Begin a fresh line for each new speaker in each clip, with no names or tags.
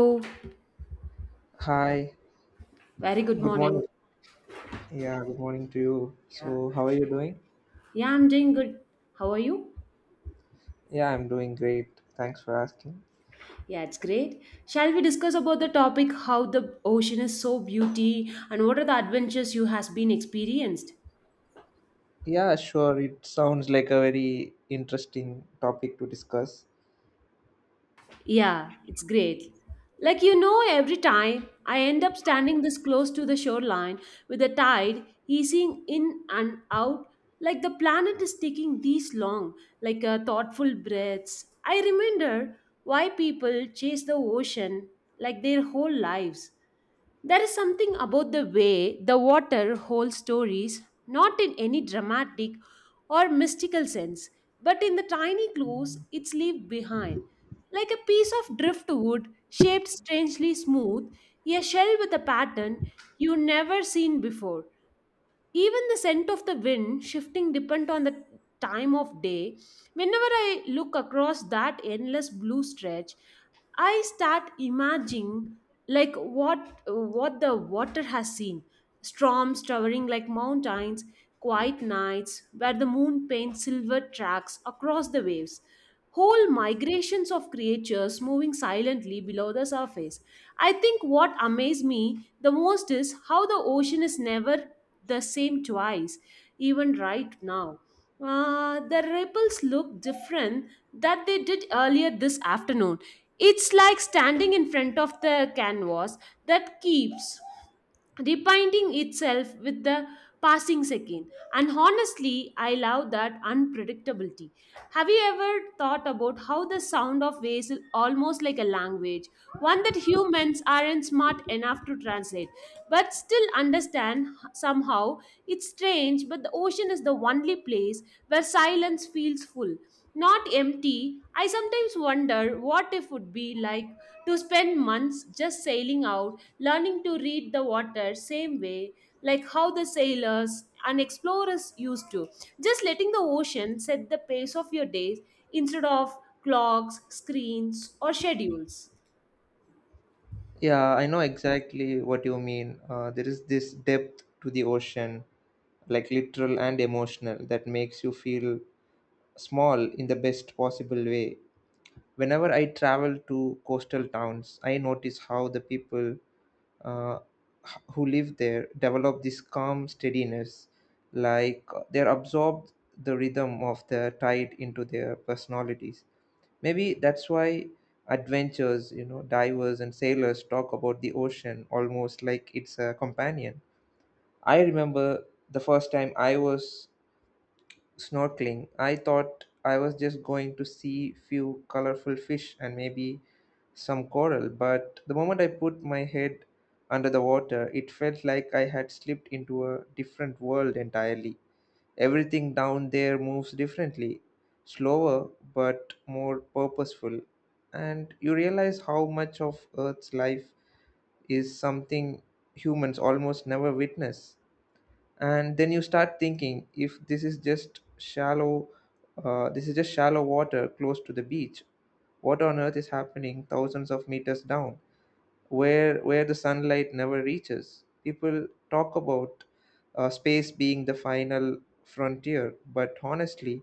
Oh,
Hi,
very good
good morning.
morning.
Yeah, good morning to you.
Yeah.
So, how are you doing?
Yeah, I'm doing good. How are you?
Yeah, I'm doing great. Thanks for asking.
Yeah, it's great. Shall we discuss about the topic how the ocean is so beauty and what are the adventures you has been experienced?
Yeah, sure. It sounds like a very interesting topic to discuss.
Yeah, it's great. Every time I end up standing this close to the shoreline with the tide easing in and out, like the planet is taking these long, thoughtful breaths. I remember why people chase the ocean like their whole lives. There is something about the way the water holds stories, not in any dramatic or mystical sense, but in the tiny clues it's left behind. Like a piece of driftwood shaped strangely smooth, a shell with a pattern you never seen before. Even the scent of the wind shifting depend on the time of day. Whenever I look across that endless blue stretch, I start imagining like what the water has seen. Storms towering like mountains, quiet nights where the moon paints silver tracks across the waves. Whole migrations of creatures moving silently below the surface. I think what amazed me the most is how the ocean is never the same twice, even right now. The ripples look different that they did earlier this afternoon. It's like standing in front of the canvas that keeps repainting itself with the passing second. And honestly, I love that unpredictability. Have you ever thought about how the sound of waves is almost like a language, one that humans aren't smart enough to translate, but still understand somehow? It's strange, but the ocean is the only place where silence feels full. Not empty, I sometimes wonder what it would be like to spend months just sailing out, learning to read the water same way, like how the sailors and explorers used to. Just letting the ocean set the pace of your days instead of clocks, screens, or schedules.
Yeah, I know exactly what you mean. There is this depth to the ocean, like literal and emotional, that makes you feel small in the best possible way. Whenever I travel to coastal towns, I notice how the people uh, who live there develop this calm steadiness, like they're absorbed the rhythm of the tide into their personalities. Maybe that's why adventurers, divers and sailors talk about the ocean almost like it's a companion. I remember the first time I was snorkeling. I thought I was just going to see few colorful fish and maybe some coral, but the moment I put my head under the water, it felt like I had slipped into a different world entirely. Everything down there moves differently, slower but more purposeful. And you realize how much of Earth's life is something humans almost never witness. And then you start thinking, if this is just shallow water close to the beach, what on earth is happening thousands of meters down where the sunlight never reaches. People talk about space being the final frontier, but honestly,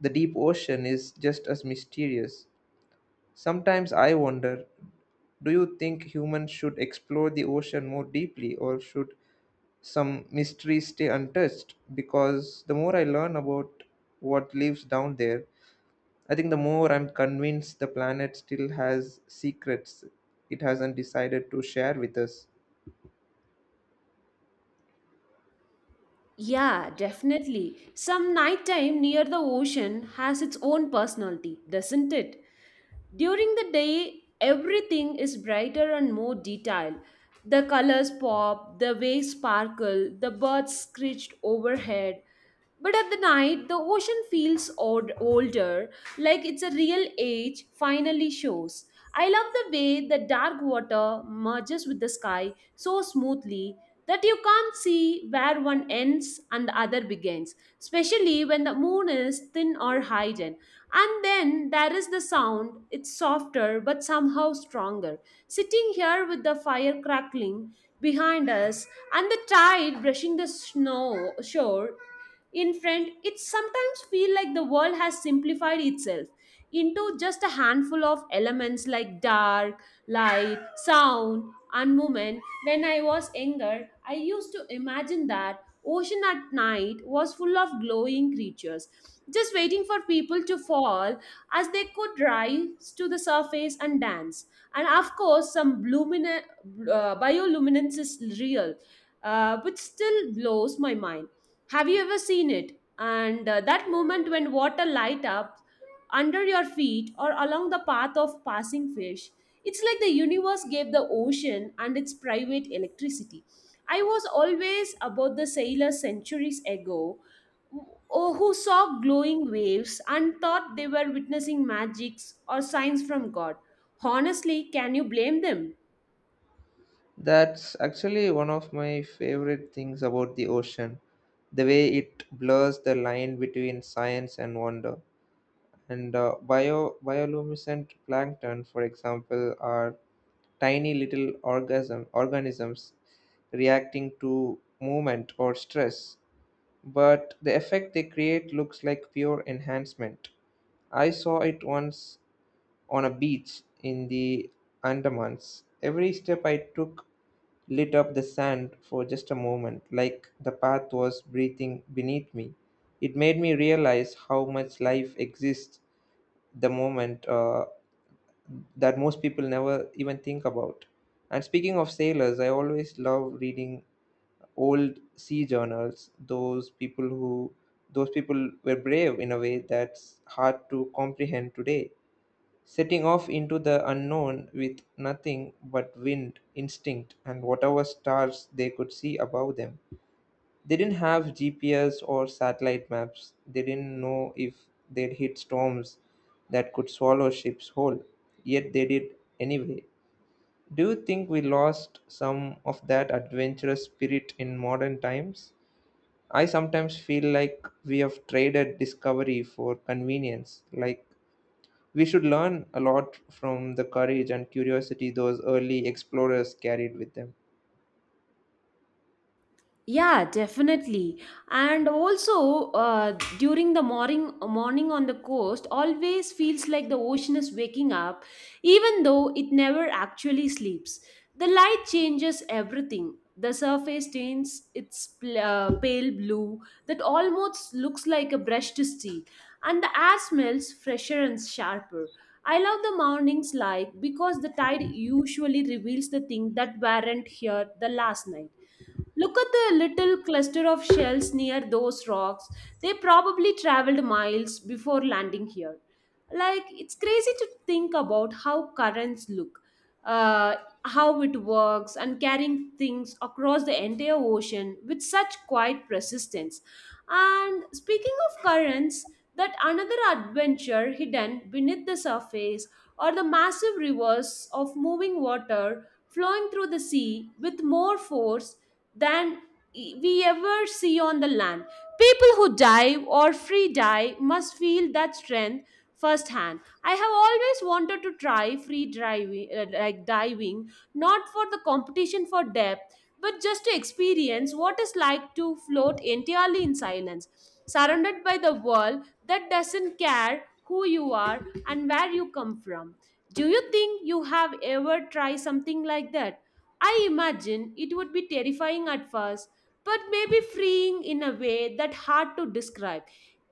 the deep ocean is just as mysterious. Sometimes I wonder, do you think humans should explore the ocean more deeply, or should some mysteries stay untouched? Because the more I learn about what lives down there, I think the more I'm convinced the planet still has secrets it hasn't decided to share with us.
Yeah, definitely. Some nighttime near the ocean has its own personality, doesn't it? During the day, everything is brighter and more detailed. The colors pop, the waves sparkle, the birds screeched overhead. But at the night, the ocean feels old, older, like it's a real age finally shows. I love the way the dark water merges with the sky so smoothly that you can't see where one ends and the other begins, especially when the moon is thin or hidden. And then there is the sound, it's softer but somehow stronger. Sitting here with the fire crackling behind us and the tide brushing the snow shore in front, it sometimes feel like the world has simplified itself into just a handful of elements like dark, light, sound, and movement. When I was younger, I used to imagine that ocean at night was full of glowing creatures just waiting for people to fall as they could rise to the surface and dance. And of course, bioluminescence is real, which still blows my mind. Have you ever seen it? And that moment when water light up under your feet or along the path of passing fish, it's like the universe gave the ocean and its private electricity. I was always about the sailors centuries ago who who saw glowing waves and thought they were witnessing magics or signs from God. Honestly, can you blame them?
That's actually one of my favorite things about the ocean, the way it blurs the line between science and wonder. And bioluminescent plankton, for example, are tiny little organisms reacting to movement or stress, but the effect they create looks like pure enhancement. I saw it once on a beach in the Andamans. Every step I took lit up the sand for just a moment, like the path was breathing beneath me. It made me realize how much life exists the moment that most people never even think about. And speaking of sailors, I always love reading old sea journals. Those people were brave in a way that's hard to comprehend today. Setting off into the unknown with nothing but wind, instinct, and whatever stars they could see above them. They didn't have GPS or satellite maps. They didn't know if they'd hit storms that could swallow ships whole. Yet they did anyway. Do you think we lost some of that adventurous spirit in modern times? I sometimes feel like we have traded discovery for convenience. Like we should learn a lot from the courage and curiosity those early explorers carried with them.
Yeah, definitely. And also, during the morning on the coast, always feels like the ocean is waking up, even though it never actually sleeps. The light changes everything. The surface turns its pale blue that almost looks like a brushed steel, and the air smells fresher and sharper. I love the morning's light because the tide usually reveals the things that weren't here the last night. Look at the little cluster of shells near those rocks. They probably traveled miles before landing here. Like, it's crazy to think about how currents look, uh, how it works, and carrying things across the entire ocean with such quiet persistence. And speaking of currents, that another adventure hidden beneath the surface are the massive rivers of moving water flowing through the sea with more force than we ever see on the land. People who dive or free dive must feel that strength firsthand. I have always wanted to try free diving, like diving, not for the competition for depth, but just to experience what it's like to float entirely in silence, surrounded by the world that doesn't care who you are and where you come from. Do you think you have ever tried something like that? I imagine it would be terrifying at first, but maybe freeing in a way that hard to describe.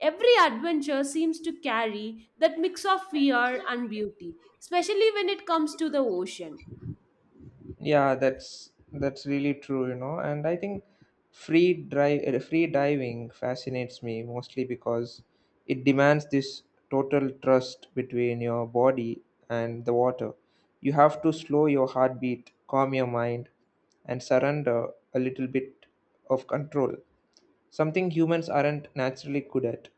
Every adventure seems to carry that mix of fear and beauty, especially when it comes to the ocean.
Yeah, that's really true, you know. And I think free diving fascinates me mostly because it demands this total trust between your body and the water. You have to slow your heartbeat, calm your mind, and surrender a little bit of control. Something humans aren't naturally good at.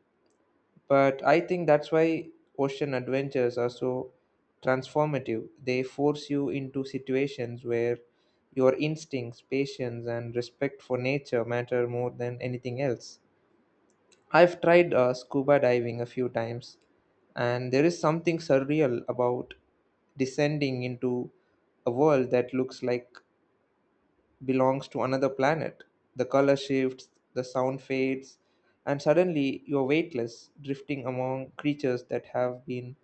But I think that's why ocean adventures are so transformative. They force you into situations where your instincts, patience, and respect for nature matter more than anything else. I've tried scuba diving a few times, and there is something surreal about descending into a world that looks like belongs to another planet. The color shifts, the sound fades, and suddenly you're weightless, drifting among creatures that have been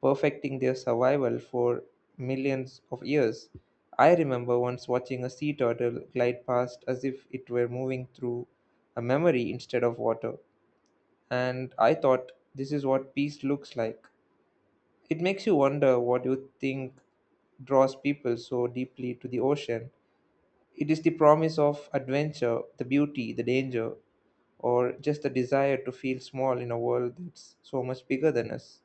perfecting their survival for millions of years. I remember once watching a sea turtle glide past as if it were moving through a memory instead of water, and I thought this is what peace looks like. It makes you wonder what you think draws people so deeply to the ocean. It is the promise of adventure, the beauty, the danger, or just the desire to feel small in a world that's so much bigger than us.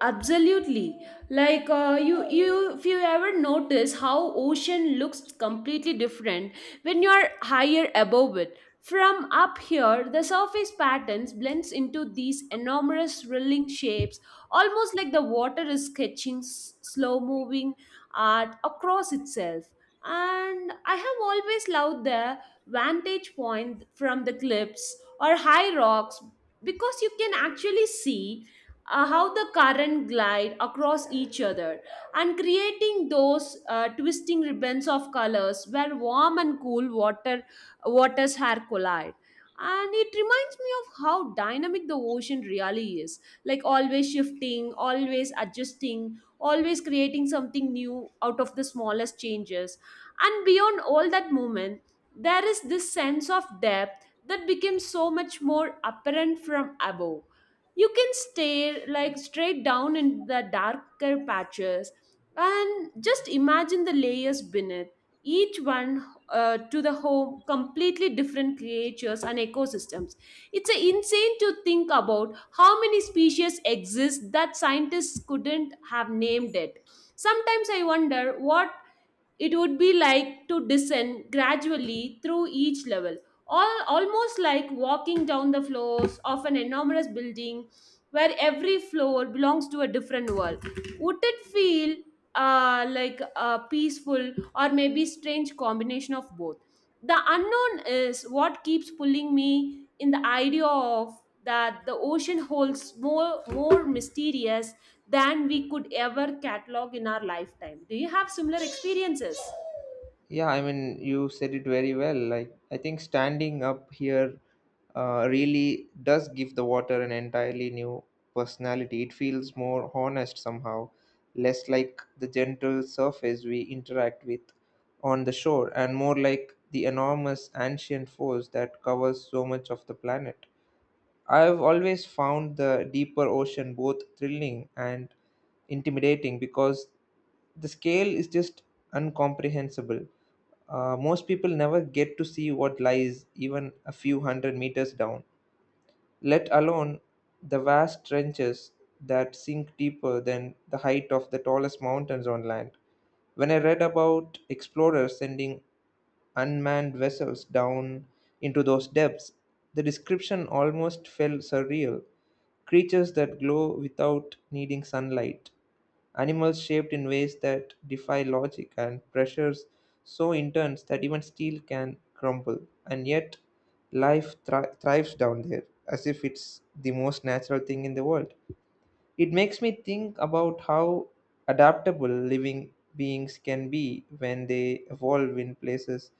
Absolutely. If you ever notice how ocean looks completely different when you are higher above it. From up here, the surface patterns blends into these enormous swirling shapes, almost like the water is sketching slow-moving art across itself, and I have always loved the vantage point from the cliffs or high rocks because you can actually see how the current glide across each other and creating those twisting ribbons of colors where warm and cool waters are collide. And it reminds me of how dynamic the ocean really is, like always shifting, always adjusting, always creating something new out of the smallest changes. And beyond all that movement, there is this sense of depth that becomes so much more apparent from above. You can stare like straight down into the darker patches and just imagine the layers beneath, each one to the home, completely different creatures and ecosystems. It's a insane to think about how many species exist that scientists couldn't have named it. Sometimes I wonder what it would be like to descend gradually through each level, almost like walking down the floors of an enormous building where every floor belongs to a different world. Would it feel like a peaceful or maybe strange combination of both? The unknown is what keeps pulling me in the idea of that the ocean holds more mysterious than we could ever catalog in our lifetime. Do you have similar experiences?
Yeah, I mean, you said it very well. Like, I think standing up here really does give the water an entirely new personality. It feels more honest somehow, less like the gentle surface we interact with on the shore, and more like the enormous ancient force that covers so much of the planet. I've always found the deeper ocean both thrilling and intimidating because the scale is just uncomprehensible. Most people never get to see what lies even a few hundred meters down, let alone the vast trenches that sink deeper than the height of the tallest mountains on land. When I read about explorers sending unmanned vessels down into those depths, the description almost felt surreal. Creatures that glow without needing sunlight, animals shaped in ways that defy logic, and pressures so intense that even steel can crumble. And yet, life thrives down there as if it's the most natural thing in the world. It makes me think about how adaptable living beings can be when they evolve in places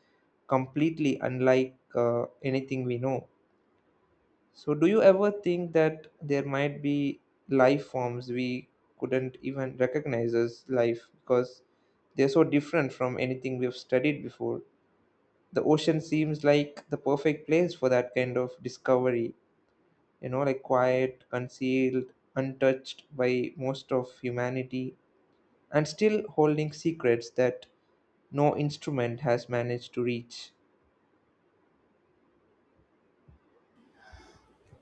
completely unlike anything we know. So, do you ever think that there might be life forms we couldn't even recognize as life because they're so different from anything we've studied before? The ocean seems like the perfect place for that kind of discovery, you know, like quiet, concealed, untouched by most of humanity, and still holding secrets that no instrument has managed to reach.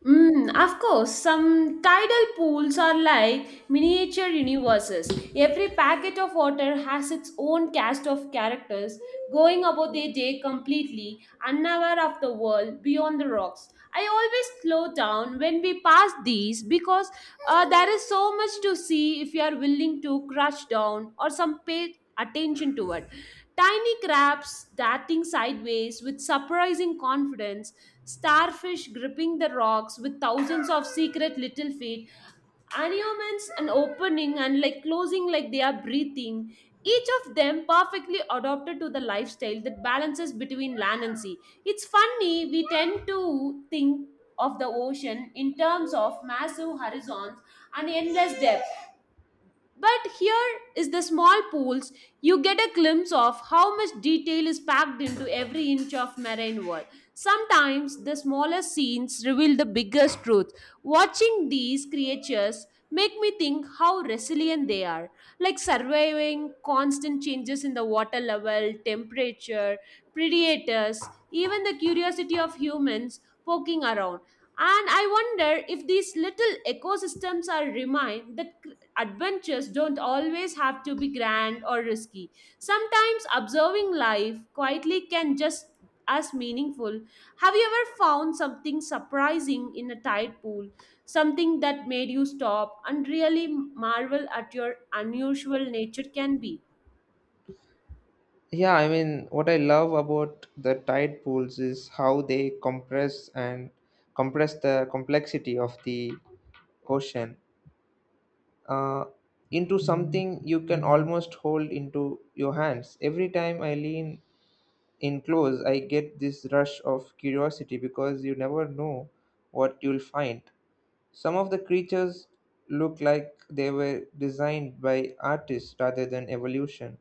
Mm, of course, some tidal pools are like miniature universes. Every packet of water has its own cast of characters going about their day completely, unaware of the world beyond the rocks. I always slow down when we pass these because there is so much to see if you are willing to crush down or some pay attention to it. Tiny crabs darting sideways with surprising confidence, starfish gripping the rocks with thousands of secret little feet, anemones and opening and like closing like they are breathing. Each of them perfectly adapted to the lifestyle that balances between land and sea. It's funny, we tend to think of the ocean in terms of massive horizons and endless depth, but here is the small pools, you get a glimpse of how much detail is packed into every inch of marine world. Sometimes the smallest scenes reveal the biggest truth. Watching these creatures make me think how resilient they are, like surviving constant changes in the water level, temperature, predators, even the curiosity of humans poking around. And I wonder if these little ecosystems are remind that adventures don't always have to be grand or risky. Sometimes observing life quietly can just as meaningful. Have you ever found something surprising in a tide pool? Something that made you stop and really marvel at your unusual nature can be?
Yeah, I mean, what I love about the tide pools is how they compress and compress the complexity of the ocean uh, into something you can almost hold into your hands. Every time I lean in close, I get this rush of curiosity because you never know what you'll find. Some of the creatures look like they were designed by artists rather than evolution,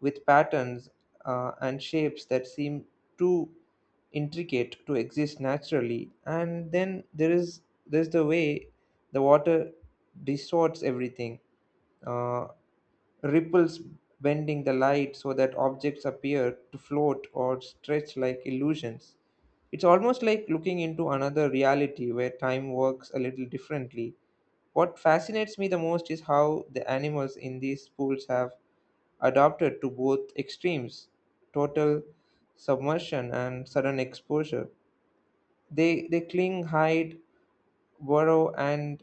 with patterns and shapes that seem too intricate to exist naturally. And then there's the way the water distorts everything. Uh, Ripples bending the light so that objects appear to float or stretch like illusions. It's almost like looking into another reality where time works a little differently. What fascinates me the most is how the animals in these pools have adapted to both extremes, total submersion and sudden exposure. They cling, hide, burrow, and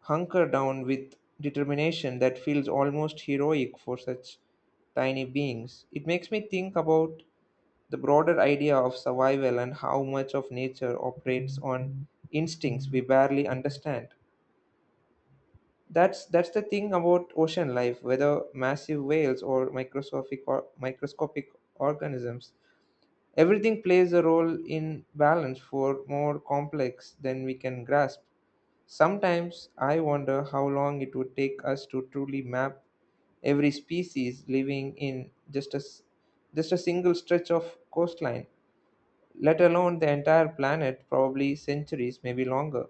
hunker down with determination that feels almost heroic for such tiny beings. It makes me think about the broader idea of survival and how much of nature operates on instincts we barely understand. That's the thing about ocean life, whether massive whales or microscopic organisms. Everything plays a role in balance for more complex than we can grasp. Sometimes I wonder how long it would take us to truly map every species living in just a single stretch of coastline, let alone the entire planet, probably centuries, maybe longer.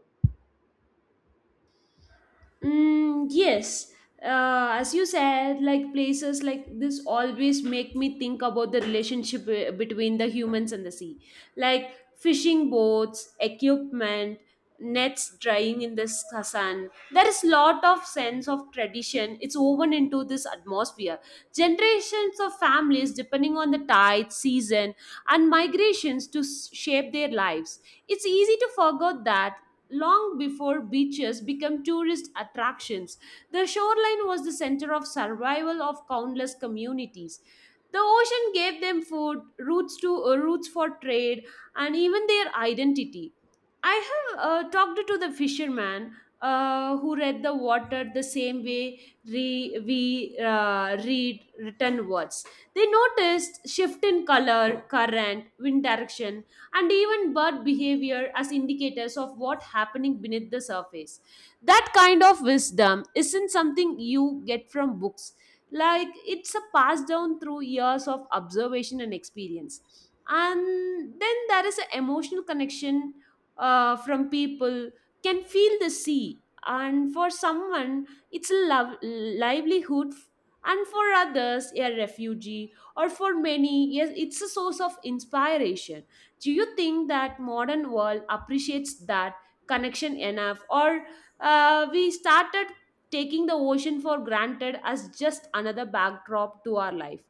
Mm, yes. As you said, like places like this always make me think about the relationship between the humans and the sea. Like fishing boats, equipment, nets drying in the sun. There is lot of sense of tradition. It's woven into this atmosphere. Generations of families depending on the tide, season, and migrations to shape their lives. It's easy to forget that long before beaches become tourist attractions, the shoreline was the center of survival of countless communities. The ocean gave them food, routes for trade, and even their identity. I have talked to the fisherman who read the water the same way we read written words. They noticed shift in color, current, wind direction, and even bird behavior as indicators of what happening beneath the surface. That kind of wisdom isn't something you get from books. Like it's a pass down through years of observation and experience. And then there is an emotional connection from people can feel the sea, and for someone it's a love, livelihood, and for others a refugee, or for many, yes, it's a source of inspiration. Do you think that modern world appreciates that connection enough, or we started taking the ocean for granted as just another backdrop to our life?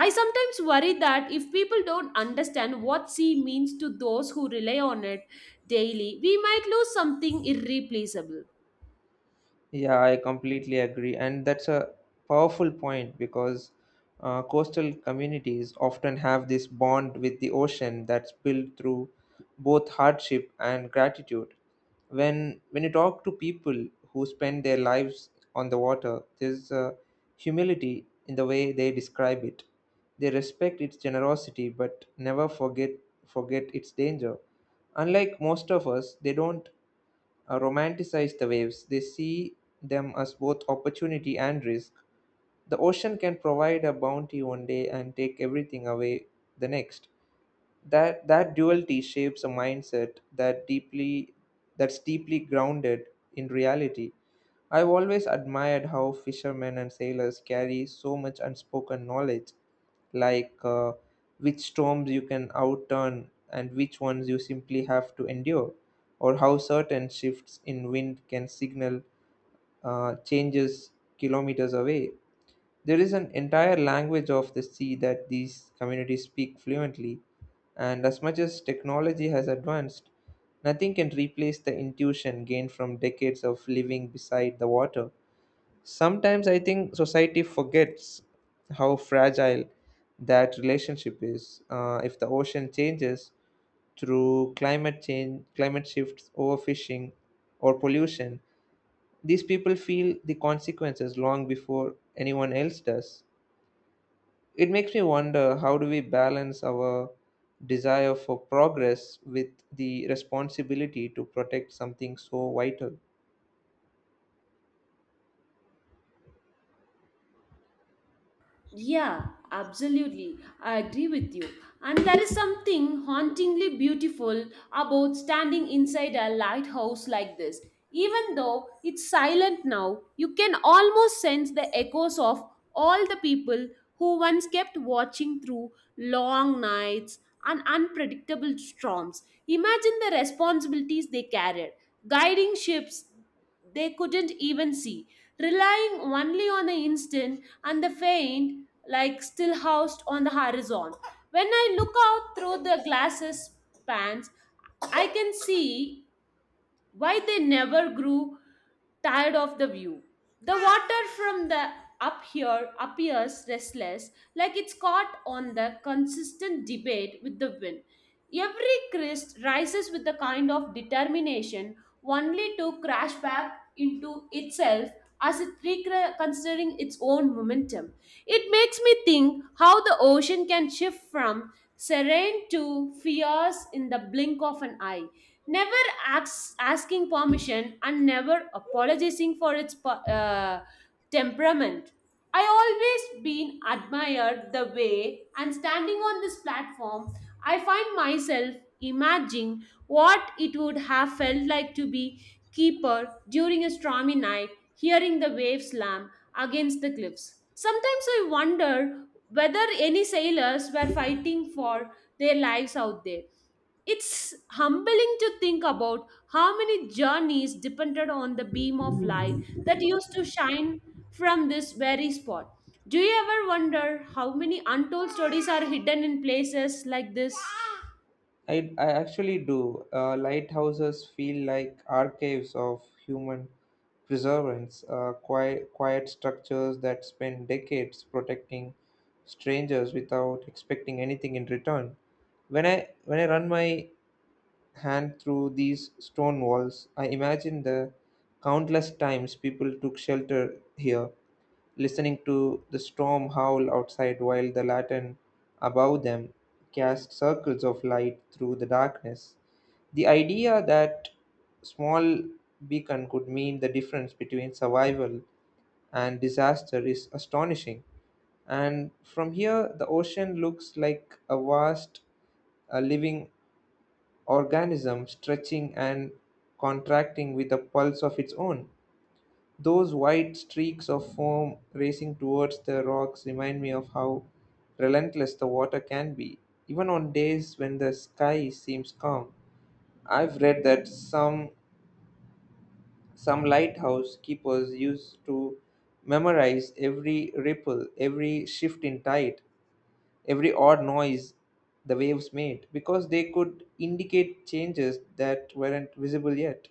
I sometimes worry that if people don't understand what sea means to those who rely on it daily, we might lose something irreplaceable.
Yeah, I completely agree. And that's a powerful point because coastal communities often have this bond with the ocean that's built through both hardship and gratitude. When you talk to people who spend their lives on the water, there's a humility in the way they describe it. They respect its generosity but never forget its danger. Unlike most of us, they don't romanticize the waves. They see them as both opportunity and risk. The ocean can provide a bounty one day and take everything away the next. That duality shapes a mindset that's deeply grounded in reality. I've always admired how fishermen and sailors carry so much unspoken knowledge, like which storms you can outturn and which ones you simply have to endure, or how certain shifts in wind can signal changes kilometers away. There is an entire language of the sea that these communities speak fluently, and as much as technology has advanced, nothing can replace the intuition gained from decades of living beside the water. Sometimes I think society forgets how fragile that relationship is. If the ocean changes through climate change, climate shifts, overfishing, or pollution, these people feel the consequences long before anyone else does. It makes me wonder, how do we balance our desire for progress with the responsibility to protect something so vital?
Yeah, absolutely. I agree with you. And there is something hauntingly beautiful about standing inside a lighthouse like this. Even though it's silent now, you can almost sense the echoes of all the people who once kept watching through long nights and unpredictable storms. Imagine the responsibilities they carried, guiding ships they couldn't even see, relying only on the instant and the faint, like still housed on the horizon. When I look out through the glasses pans, I can see why they never grew tired of the view. The water from the up here appears restless, like it's caught on the consistent debate with the wind. Every crest rises with a kind of determination, only to crash back into itself as it reconsidering its own momentum. It makes me think how the ocean can shift from serene to fierce in the blink of an eye, never asking permission and never apologizing for its temperament. I always been admired the way, and standing on this platform, I find myself imagining what it would have felt like to be keeper during a stormy night, hearing the waves slam against the cliffs. Sometimes I wonder whether any sailors were fighting for their lives out there. It's humbling to think about how many journeys depended on the beam of light that used to shine from this very spot. Do you ever wonder how many untold stories are hidden in places like this?
I actually do. Lighthouses feel like archives of human preservance, quiet structures that spend decades protecting strangers without expecting anything in return. When I run my hand through these stone walls, I imagine the countless times people took shelter here, listening to the storm howl outside while the lantern above them cast circles of light through the darkness. The idea that small beacon could mean the difference between survival and disaster is astonishing. And from here, the ocean looks like a vast, living organism stretching and contracting with a pulse of its own. Those white streaks of foam racing towards the rocks remind me of how relentless the water can be, even on days when the sky seems calm. I've read that some lighthouse keepers used to memorize every ripple, every shift in tide, every odd noise the waves made because they could indicate changes that weren't visible yet.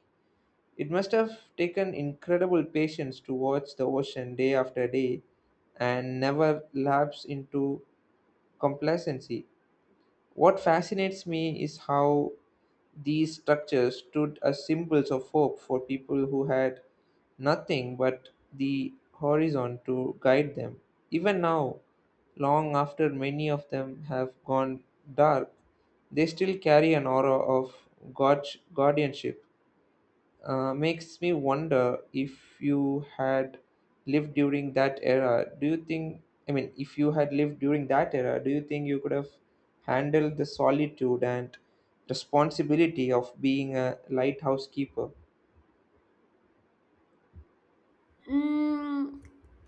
It must have taken incredible patience to watch the ocean day after day and never lapse into complacency. What fascinates me is how these structures stood as symbols of hope for people who had nothing but the horizon to guide them. Even now, long after many of them have gone dark, they still carry an aura of guardianship. Makes me wonder if you had lived during that era, I mean, if you had lived during that era, do you think you could have handled the solitude and responsibility of being a lighthouse keeper?
Mm,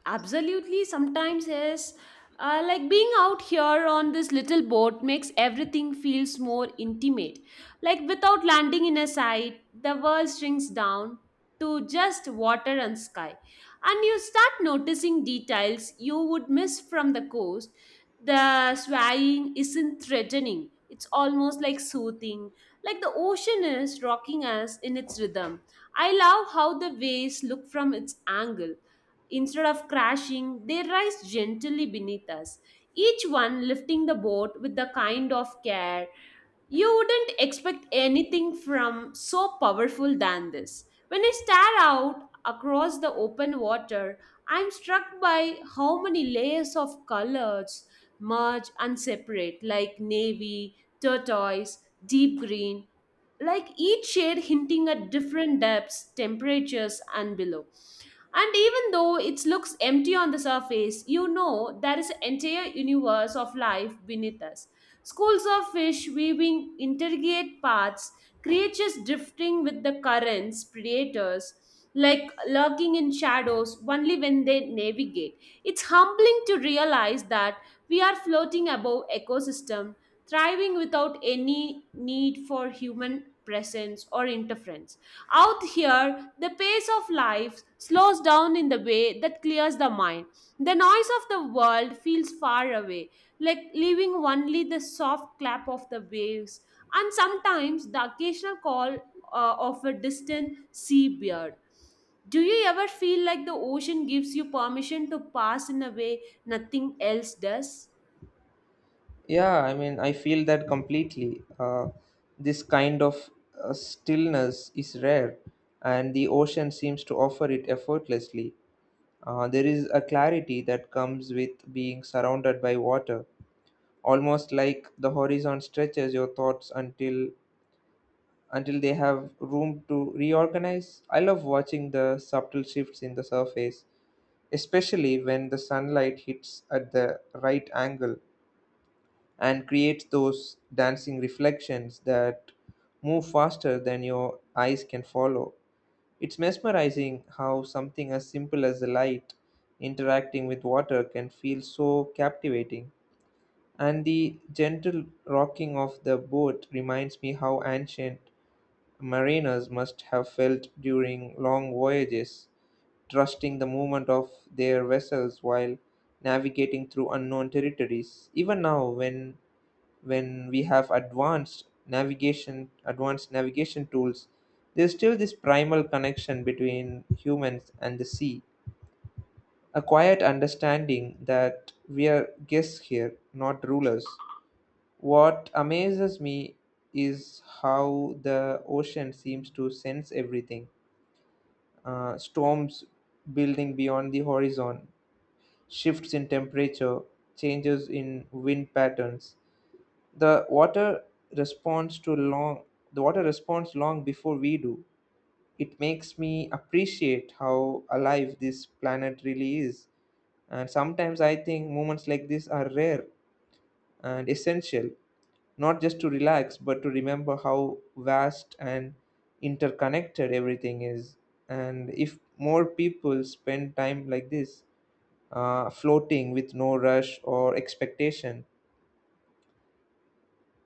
absolutely. Sometimes, yes. Like being out here on this little boat makes everything feels more intimate. Like without landing in a site, the world shrinks down to just water and sky. And you start noticing details you would miss from the coast. The swaying isn't threatening. It's almost like soothing, like the ocean is rocking us in its rhythm. I love how the waves look from its angle. Instead of crashing, they rise gently beneath us, each one lifting the boat with the kind of care you wouldn't expect anything from so powerful than this. When I stare out across the open water, I'm struck by how many layers of colors merge and separate, like navy, turquoise, deep green, like each shade hinting at different depths, temperatures, and below. And even though it looks empty on the surface, you know there is an entire universe of life beneath us. Schools of fish weaving intricate paths, creatures drifting with the currents, predators like lurking in shadows only when they navigate. It's humbling to realize that we are floating above ecosystem, thriving without any need for human presence or interference. Out here, the pace of life slows down in the way that clears the mind. The noise of the world feels far away, like leaving only the soft clap of the waves and sometimes the occasional call of a distant seabird. Do you ever feel like the ocean gives you permission to pass in a way nothing else does?
Yeah, I mean, I feel that completely. This kind of stillness is rare, and the ocean seems to offer it effortlessly. There is a clarity that comes with being surrounded by water, almost like the horizon stretches your thoughts until they have room to reorganize. I love watching the subtle shifts in the surface, especially when the sunlight hits at the right angle and creates those dancing reflections that move faster than your eyes can follow. It's mesmerizing how something as simple as the light interacting with water can feel so captivating. And the gentle rocking of the boat reminds me how ancient mariners must have felt during long voyages, trusting the movement of their vessels while navigating through unknown territories. Even now, when we have advanced navigation tools, there's still this primal connection between humans and the sea. A quiet understanding that we are guests here, not rulers. What amazes me is how the ocean seems to sense everything. Storms building beyond the horizon, shifts in temperature, changes in wind patterns. The water responds to long the water responds long before we do. It makes me appreciate how alive this planet really is. And sometimes I think moments like this are rare and essential, not just to relax, but to remember how vast and interconnected everything is. And if more people spend time like this, floating with no rush or expectation,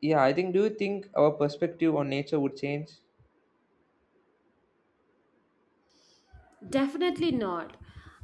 yeah, I think, do you think our perspective on nature would change?
Definitely not.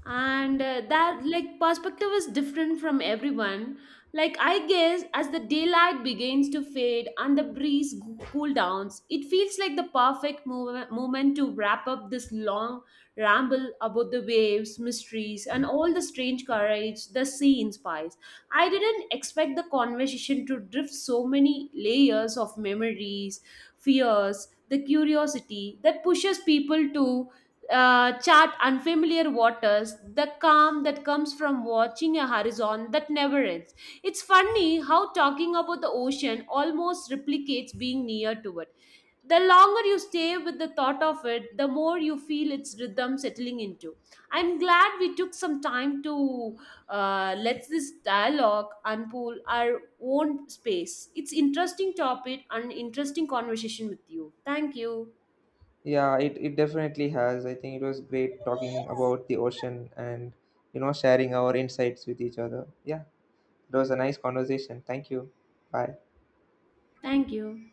And that like perspective is different from everyone. Like I guess as the daylight begins to fade and the breeze cool downs, it feels like the perfect move moment to wrap up this long ramble about the waves, mysteries, and all the strange courage the sea inspires. I didn't expect the conversation to drift so many layers of memories, fears, the curiosity that pushes people to chart unfamiliar waters, the calm that comes from watching a horizon that never ends. It's funny how talking about the ocean almost replicates being near to it. The longer you stay with the thought of it, the more you feel its rhythm settling into. I'm glad we took some time to let this dialogue unfold our own space. It's interesting topic and interesting conversation with you. Thank you.
Yeah, it definitely has. I think it was great talking about the ocean and, you know, sharing our insights with each other. Yeah, it was a nice conversation. Thank you. Bye.
Thank you.